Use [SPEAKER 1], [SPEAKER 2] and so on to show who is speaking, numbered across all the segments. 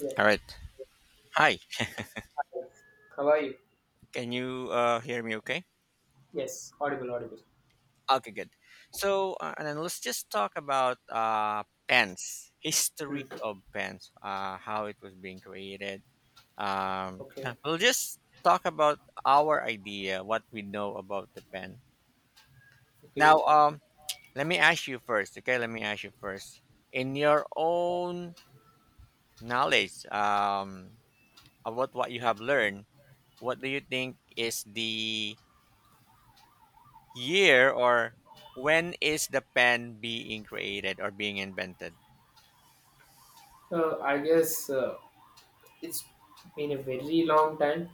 [SPEAKER 1] Yeah.
[SPEAKER 2] All right. Hi.
[SPEAKER 1] Hi. How are you?
[SPEAKER 2] Can you hear me okay?
[SPEAKER 1] Yes, audible, audible.
[SPEAKER 2] Okay, good. So, and then let's just talk about pens, history
[SPEAKER 1] Mm.
[SPEAKER 2] of pens, how it was being created.
[SPEAKER 1] Okay,
[SPEAKER 2] Yeah, we'll just talk about our idea, what we know about the pen.
[SPEAKER 1] okay.
[SPEAKER 2] Now, let me ask you first, okay? Let me ask you first. In your own knowledge about what you have learned, what do you think is the year or when is the pen being created or being invented?
[SPEAKER 1] I guess it's been a very long time.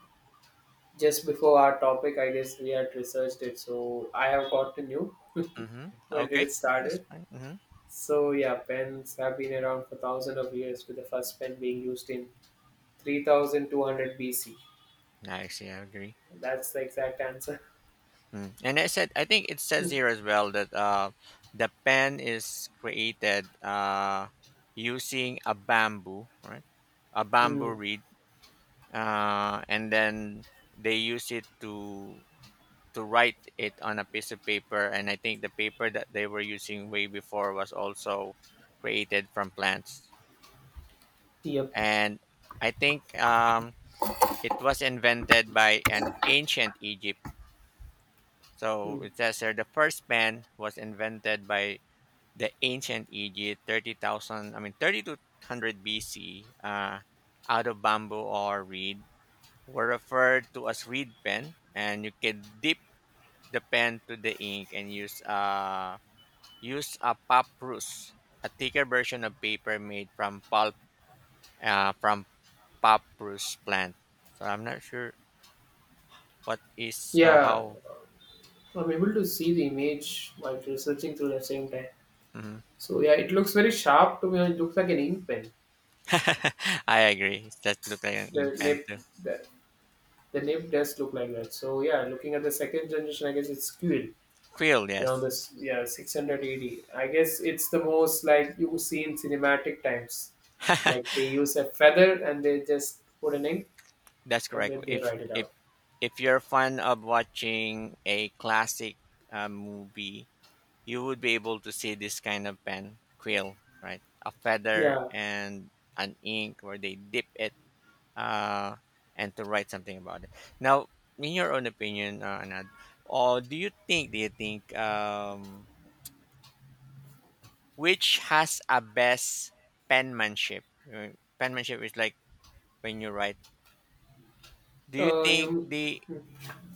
[SPEAKER 1] Just before our topic, I guess we had researched it, so I have gotten you.
[SPEAKER 2] Mm-hmm.
[SPEAKER 1] When did
[SPEAKER 2] Okay,
[SPEAKER 1] it
[SPEAKER 2] that's
[SPEAKER 1] started?
[SPEAKER 2] fine. Mm-hmm.
[SPEAKER 1] So yeah, pens have been around for thousands of years, with the first pen being used in 3200 BC.
[SPEAKER 2] Nice, yeah, I agree.
[SPEAKER 1] That's the exact answer.
[SPEAKER 2] Mm. And I said, I think it says here as well that the pen is created using a bamboo, right? A
[SPEAKER 1] Mm,
[SPEAKER 2] bamboo reed, and then they use it to write it on a piece of paper. And I think the paper that they were using way before was also created from plants.
[SPEAKER 1] yep.
[SPEAKER 2] And I think it was invented by an ancient Egypt. So
[SPEAKER 1] Mm.
[SPEAKER 2] it says here the first pen was invented by the ancient Egypt, thirty thousand, I mean 3200 BC, out of bamboo or reed, were referred to as reed pen, and you can dip the pen to the ink and use use a papyrus, a thicker version of paper made from pulp from papyrus plant. So I'm not sure what is or
[SPEAKER 1] Yeah,
[SPEAKER 2] how?
[SPEAKER 1] I'm able to see the image while researching through the same time.
[SPEAKER 2] Mhm.
[SPEAKER 1] So yeah, it looks very sharp to me. It looks like an ink pen.
[SPEAKER 2] I agree. That look like an
[SPEAKER 1] The
[SPEAKER 2] infant
[SPEAKER 1] nib,
[SPEAKER 2] too.
[SPEAKER 1] the, the nib does look like that. So yeah, looking at the second generation, I guess it's Quill
[SPEAKER 2] Krill,
[SPEAKER 1] around
[SPEAKER 2] yes,
[SPEAKER 1] this yeah 680. I guess it's the most like you see in cinematic times. Like they use a feather and they just put an ink
[SPEAKER 2] that's
[SPEAKER 1] and
[SPEAKER 2] correct.
[SPEAKER 1] then they
[SPEAKER 2] If
[SPEAKER 1] write it
[SPEAKER 2] if
[SPEAKER 1] out.
[SPEAKER 2] if you're fan of watching a classic movie, you would be able to see this kind of pen quill, right? A feather
[SPEAKER 1] Yeah.
[SPEAKER 2] and an ink where they dip it uh, and to write something about it. Now, in your own opinion, Anad, or do you think which has a best penmanship? Penmanship is like when you write. Do you think
[SPEAKER 1] You.
[SPEAKER 2] the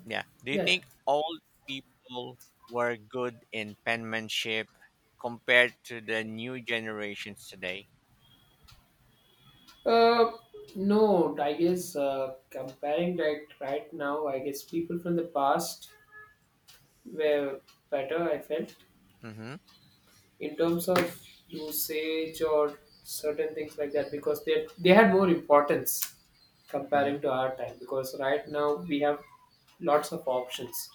[SPEAKER 2] yeah? Do you
[SPEAKER 1] Yeah.
[SPEAKER 2] think old people were good in penmanship compared to the new generations today?
[SPEAKER 1] Uh, no, I guess comparing that right now, I guess people from the past were better. I felt
[SPEAKER 2] Mm-hmm.
[SPEAKER 1] in terms of usage or certain things like that because they had more importance
[SPEAKER 2] Mm-hmm.
[SPEAKER 1] comparing to our time because right now we have lots of options,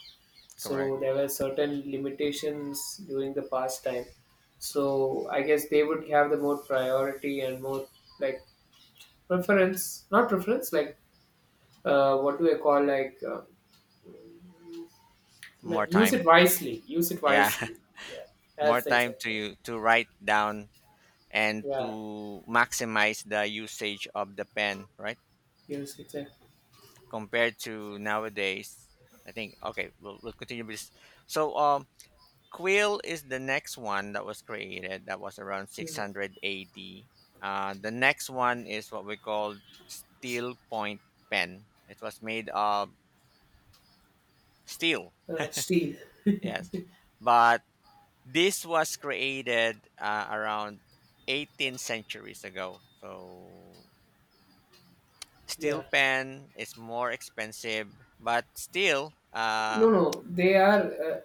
[SPEAKER 2] Correct.
[SPEAKER 1] so there were certain limitations during the past time, so I guess they would have the more priority and more, like, preference, not preference, like what do I call like
[SPEAKER 2] More
[SPEAKER 1] use it
[SPEAKER 2] time.
[SPEAKER 1] wisely, use it
[SPEAKER 2] Yeah,
[SPEAKER 1] wisely. Yeah,
[SPEAKER 2] more
[SPEAKER 1] that's the
[SPEAKER 2] time
[SPEAKER 1] exact
[SPEAKER 2] to
[SPEAKER 1] word.
[SPEAKER 2] you to write down and
[SPEAKER 1] Yeah,
[SPEAKER 2] to maximize the usage of the pen, right?
[SPEAKER 1] use it
[SPEAKER 2] Compared to nowadays, I think. Okay, we'll continue with this. So, quill is the next one that was created that was around
[SPEAKER 1] exactly.
[SPEAKER 2] 600 AD. The next one is what we call steel point pen. It was made of steel,
[SPEAKER 1] Steel,
[SPEAKER 2] yes. But this was created around 18 centuries ago. So
[SPEAKER 1] yeah.
[SPEAKER 2] steel pen is more expensive, but still
[SPEAKER 1] No, no, they are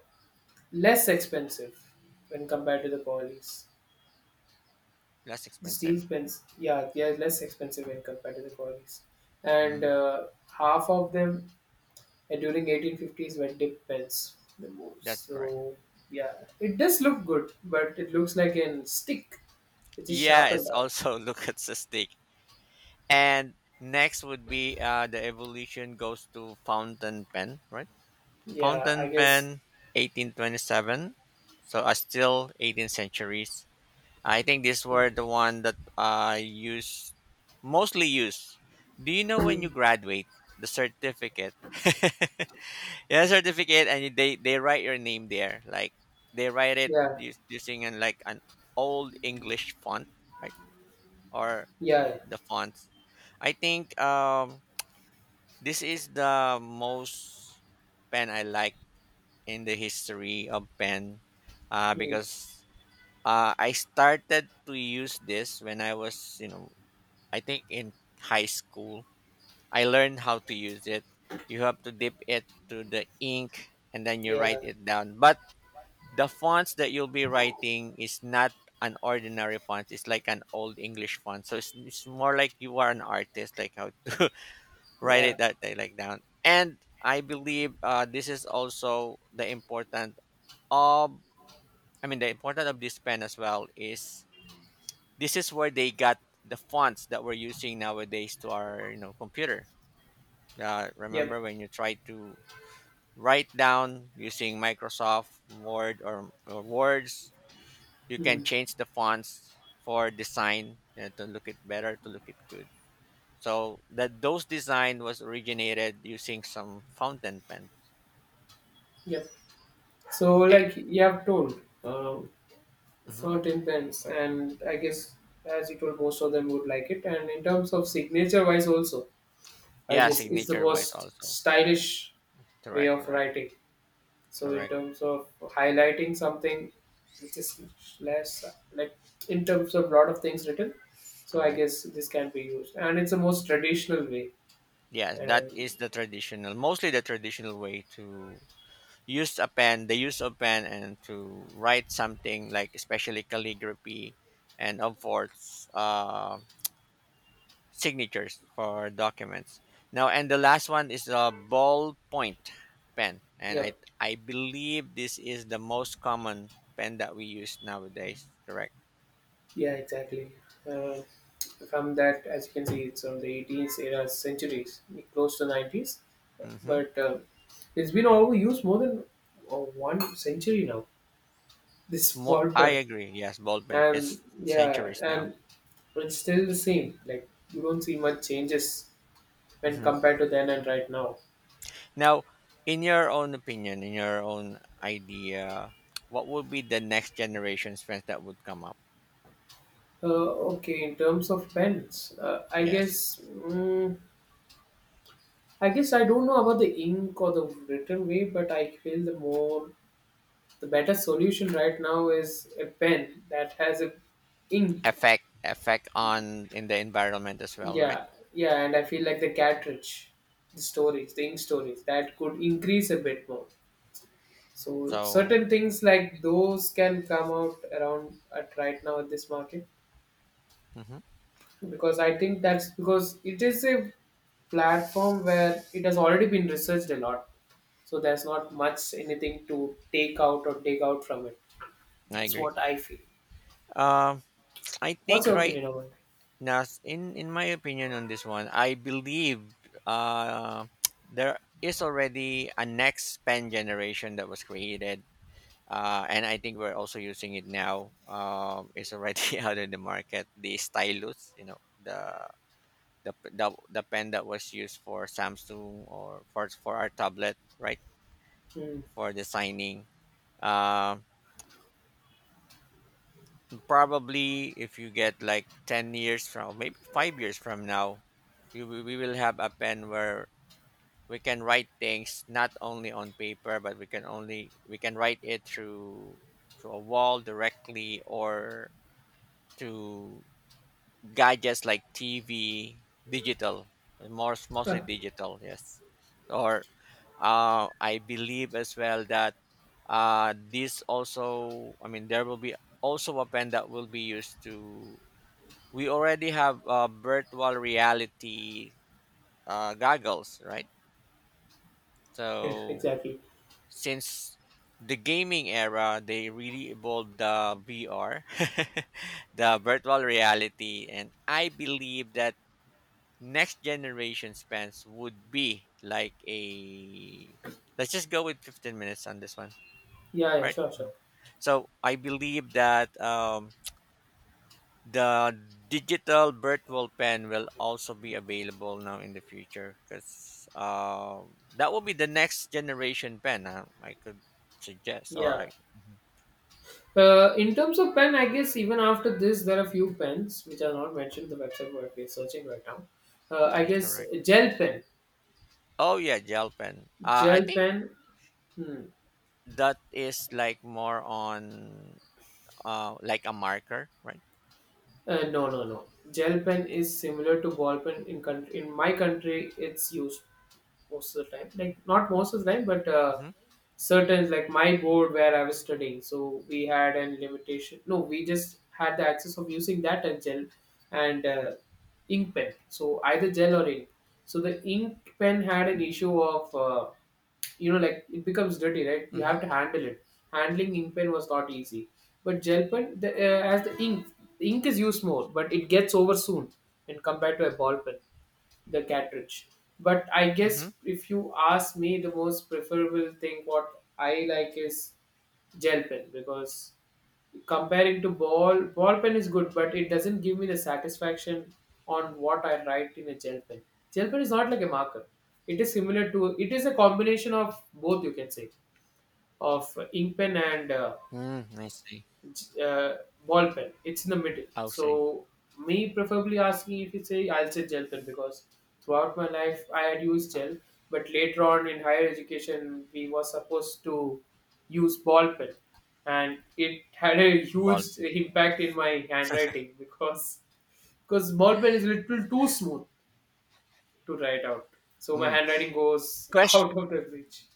[SPEAKER 1] less expensive when compared to the polys.
[SPEAKER 2] less
[SPEAKER 1] The
[SPEAKER 2] expensive.
[SPEAKER 1] steel pens, yeah, they are less expensive when compared to the polys. And
[SPEAKER 2] Mm,
[SPEAKER 1] half of them during 1850s were dip pens, the most.
[SPEAKER 2] that's correct.
[SPEAKER 1] So, yeah, it does look good, but it looks like a stick. It is
[SPEAKER 2] Yeah,
[SPEAKER 1] sharpened
[SPEAKER 2] it's
[SPEAKER 1] out.
[SPEAKER 2] also look at the. And next would be the evolution goes to fountain pen, right?
[SPEAKER 1] Yeah, I
[SPEAKER 2] Fountain
[SPEAKER 1] guess.
[SPEAKER 2] pen, 1827. So are still 18th centuries. I think these were the one that I use mostly use. Do you know when you graduate the certificate? Yeah, certificate, and they write your name there. Like they write it
[SPEAKER 1] Yeah,
[SPEAKER 2] using an, like an old English font, right? Or
[SPEAKER 1] yeah,
[SPEAKER 2] the fonts. I think this is the most pen I like in the history of pen
[SPEAKER 1] mm,
[SPEAKER 2] because I started to use this when I was, you know, I think in high school. I learned how to use it. You have to dip it to the ink and then you
[SPEAKER 1] yeah,
[SPEAKER 2] write it down. But the fonts that you'll be writing is not an ordinary font. It's like an old English font. So it's more like you are an artist, like how to write
[SPEAKER 1] yeah,
[SPEAKER 2] it that they like down. And I believe this is also the important of, the important of this pen as well is this is where they got the fonts that we're using nowadays to our, you know, computer.
[SPEAKER 1] yep,
[SPEAKER 2] Remember when you try to write down using Microsoft Word or words, you can
[SPEAKER 1] mm,
[SPEAKER 2] change the fonts for design, you know, to look it better, to look it good, so that those design was originated using some fountain pen.
[SPEAKER 1] yep. So,
[SPEAKER 2] A-
[SPEAKER 1] like you have told,
[SPEAKER 2] hmm.
[SPEAKER 1] for pens, and I guess as you told most of them would like it, and in terms of signature wise also, I
[SPEAKER 2] Yeah,
[SPEAKER 1] guess it's the
[SPEAKER 2] signature wise
[SPEAKER 1] most
[SPEAKER 2] also. Correct.
[SPEAKER 1] stylish way
[SPEAKER 2] Correct.
[SPEAKER 1] of
[SPEAKER 2] Correct.
[SPEAKER 1] writing. So in
[SPEAKER 2] Correct.
[SPEAKER 1] terms of highlighting something which is less, like, in terms of lot of things written, so I
[SPEAKER 2] Correct.
[SPEAKER 1] guess this can be used and it's the most traditional way.
[SPEAKER 2] Yes, that
[SPEAKER 1] And
[SPEAKER 2] is the traditional, mostly the traditional way to use a pen, the use of pen, and to write something like especially calligraphy, and of course, signatures for documents. Now, and the last one is a ballpoint pen, and I
[SPEAKER 1] yep.
[SPEAKER 2] I believe this is the most common pen that we use nowadays. Correct.
[SPEAKER 1] Yeah, exactly. uh, from that, as you can see, it's from the 18th era centuries, close to 90s,
[SPEAKER 2] Hmm.
[SPEAKER 1] but it's been overused more than, uh, one century now. This
[SPEAKER 2] More,
[SPEAKER 1] ball
[SPEAKER 2] I
[SPEAKER 1] pen,
[SPEAKER 2] agree. Yes, Baldwin.
[SPEAKER 1] and
[SPEAKER 2] It's
[SPEAKER 1] yeah,
[SPEAKER 2] centuries now.
[SPEAKER 1] and it's still the same. Like you don't see much changes when
[SPEAKER 2] Hmm.
[SPEAKER 1] compared to then and right now.
[SPEAKER 2] Now, in your own opinion, in your own idea, what would be the next generation's trends that would come up?
[SPEAKER 1] Okay, in terms of pens, I
[SPEAKER 2] Yes,
[SPEAKER 1] guess mm, I guess I don't know about the ink or the written way, but I feel the more, the better solution right now is a pen that has a ink.
[SPEAKER 2] effect on in the environment as well, right?
[SPEAKER 1] Yeah, yeah, and I feel like the cartridge, the storage, the ink storage, that could increase a bit more. So
[SPEAKER 2] So,
[SPEAKER 1] certain things like those can come out around at right now at this market
[SPEAKER 2] mhm,
[SPEAKER 1] because I think that's because it is a platform where it has already been researched a lot. So there's not much anything to take out or take out from it.
[SPEAKER 2] I
[SPEAKER 1] That's
[SPEAKER 2] agree.
[SPEAKER 1] what I feel.
[SPEAKER 2] Um, I
[SPEAKER 1] What's
[SPEAKER 2] think
[SPEAKER 1] your
[SPEAKER 2] right
[SPEAKER 1] opinion about
[SPEAKER 2] now, in my opinion on this one, I believe uh, there is already a next pen generation that was created and I think we're also using it now. It's already out in the market. The stylus, you know, the pen that was used for Samsung or for our tablet, right?
[SPEAKER 1] it? Hmm.
[SPEAKER 2] For designing. Um, probably if you get like 10 years from maybe 5 years from now, we will have a pen where we can write things not only on paper, but we can write it through a wall directly or to gadgets like TV, digital, more mostly
[SPEAKER 1] Ah,
[SPEAKER 2] digital, yes. Or I believe as well that this also, I mean, there will be also a pen that will be used to. We already have virtual reality goggles, right?
[SPEAKER 1] yes,
[SPEAKER 2] So
[SPEAKER 1] exactly.
[SPEAKER 2] since the gaming era, they really evolved the VR, the virtual reality, and I believe that next generation spans would be like a, let's just go with 15 minutes on this one.
[SPEAKER 1] Yeah,
[SPEAKER 2] All
[SPEAKER 1] yeah,
[SPEAKER 2] right.
[SPEAKER 1] sure, sure.
[SPEAKER 2] So I believe that the digital virtual pen will also be available now in the future, because um, that will be the next generation pen, huh? I could suggest. All
[SPEAKER 1] Yeah.
[SPEAKER 2] right.
[SPEAKER 1] In terms of pen, I guess even after this, there are few pens which are not mentioned the website where we're searching right now. I
[SPEAKER 2] That's
[SPEAKER 1] guess
[SPEAKER 2] correct.
[SPEAKER 1] gel pen,
[SPEAKER 2] Oh yeah, gel pen. I
[SPEAKER 1] gel
[SPEAKER 2] think
[SPEAKER 1] pen. Hmm.
[SPEAKER 2] that is like more on like a marker, right?
[SPEAKER 1] No, no, no. Gel pen is similar to ball pen in country. In my country, it's used most of the time. Like not most of the time, but
[SPEAKER 2] Mm-hmm.
[SPEAKER 1] certain like my board where I was studying. So we had an limitation. No, we just had the access of using that and gel and ink pen. So either gel or ink. So the ink pen had an issue of you know like it becomes dirty, right? You
[SPEAKER 2] Mm-hmm.
[SPEAKER 1] have to handle it. Handling ink pen was not easy, but gel pen the, as the ink is used more, but it gets over soon in compared to a ball pen the cartridge. But I
[SPEAKER 2] Mm-hmm.
[SPEAKER 1] guess if you ask me, the most preferable thing what I like is gel pen because comparing to ball pen is good, but it doesn't give me the satisfaction on what I write in a gel pen. Gel pen is not like a marker. It is similar to it is a combination of both, you can say, of ink pen and
[SPEAKER 2] Mm, I see.
[SPEAKER 1] uh, ball pen. It's in the middle.
[SPEAKER 2] Oh, sorry.
[SPEAKER 1] So me preferably asking if you say, I'll say gel pen because throughout my life I had used gel, but later on in higher education we were supposed to use ball pen, and it had a huge
[SPEAKER 2] Involvement.
[SPEAKER 1] impact in my handwriting because ball pen is a little too smooth to write out. So my
[SPEAKER 2] Mm.
[SPEAKER 1] handwriting goes
[SPEAKER 2] Question.
[SPEAKER 1] out of the reach.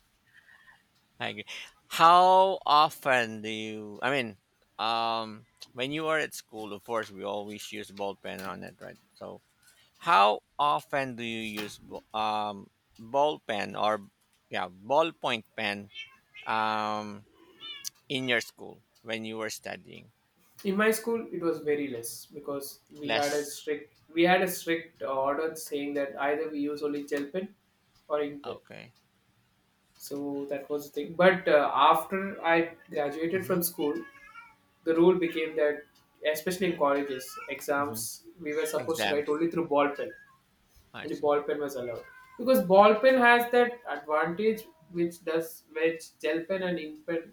[SPEAKER 2] I agree. How often do you? I mean, um, when you are at school, of course, we always use ball pen on it, right? So, how often do you use ball pen or yeah ballpoint pen um in your school when you were studying?
[SPEAKER 1] In my school it was very less because we had a
[SPEAKER 2] Less.
[SPEAKER 1] strict we had a strict order saying that either we use only gel pen or ink pen,
[SPEAKER 2] Okay.
[SPEAKER 1] so that was the thing, but after I graduated
[SPEAKER 2] Mm-hmm.
[SPEAKER 1] from school the rule became that, especially in colleges
[SPEAKER 2] Mm-hmm.
[SPEAKER 1] exams, we were supposed to write
[SPEAKER 2] Exams.
[SPEAKER 1] only through ball pen.
[SPEAKER 2] I
[SPEAKER 1] Only
[SPEAKER 2] see.
[SPEAKER 1] ball pen was allowed because ball pen has that advantage which does, which gel pen and ink pen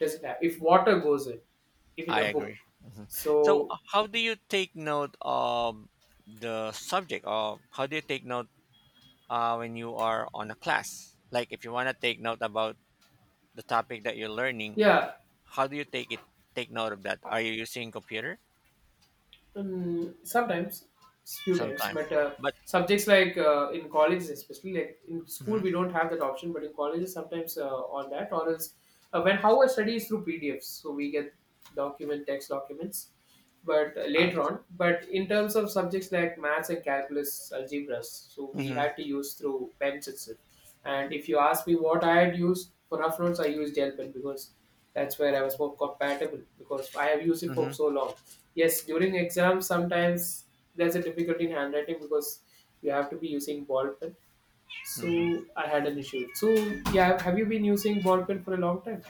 [SPEAKER 1] doesn't have, if water goes in, if in
[SPEAKER 2] I
[SPEAKER 1] a book.
[SPEAKER 2] agree. Mhm.
[SPEAKER 1] So
[SPEAKER 2] So, how do you take note of the subject, or how do you take note when you are on a class? Like, if you want to take note about the topic that you're learning,
[SPEAKER 1] yeah.
[SPEAKER 2] how do you take it? Take note of that. Are you using computer
[SPEAKER 1] Mm, sometimes, few times,
[SPEAKER 2] sometimes?
[SPEAKER 1] but
[SPEAKER 2] But
[SPEAKER 1] subjects like in colleges, especially like in school,
[SPEAKER 2] mhm,
[SPEAKER 1] we don't have that option. But in colleges, sometimes on that, or else when how I study is through PDFs, so we get document text documents. But
[SPEAKER 2] uh,
[SPEAKER 1] later on, but in terms of subjects like maths and calculus, algebras, so we
[SPEAKER 2] mhm,
[SPEAKER 1] had to use through pens itself. And if you ask me what I had used for rough notes, I used gel pen because that's where I was more compatible because I have used it for
[SPEAKER 2] mhm,
[SPEAKER 1] so long. Yes, during exams sometimes there's a difficulty in handwriting because you have to be using ball pen.
[SPEAKER 2] mhm.
[SPEAKER 1] So I had an issue. So yeah, have you been using ball pen for a long time?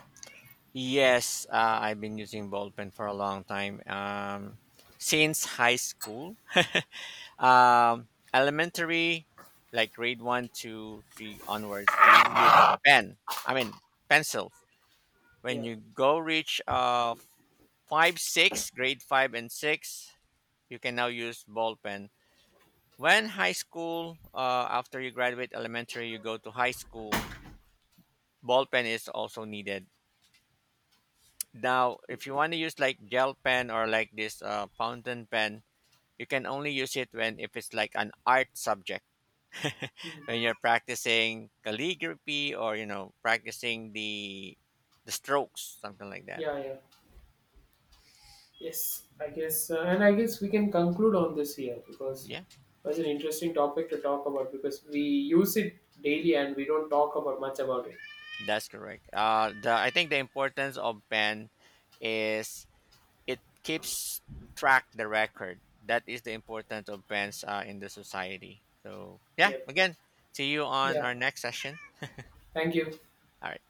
[SPEAKER 2] Yes, I've been using ballpen for a long time since high school. Um, elementary, like grade one, two, three onwards, you use pen. I mean pencils. When
[SPEAKER 1] Yeah.
[SPEAKER 2] you go reach five, six, grade five and six, you can now use ball pen. When high school, after you graduate elementary, you go to high school. Ball pen is also needed. Now, if
[SPEAKER 1] Okay.
[SPEAKER 2] you want to use like gel pen or like this fountain pen, you can only use it when if it's like an art subject
[SPEAKER 1] Mhm.
[SPEAKER 2] when you're practicing calligraphy or you know practicing the strokes something like that.
[SPEAKER 1] Yeah, yeah. Yes, I guess, and I guess we can conclude on this here because
[SPEAKER 2] Yeah,
[SPEAKER 1] it was an interesting topic to talk about because we use it daily and we don't talk about much about it.
[SPEAKER 2] that's correct. Uh the i think the importance of pen is it keeps track the record, that is the importance of pens in the society. So yeah,
[SPEAKER 1] Yeah.
[SPEAKER 2] again, see you on
[SPEAKER 1] Yeah.
[SPEAKER 2] our next session.
[SPEAKER 1] Thank you.
[SPEAKER 2] All right.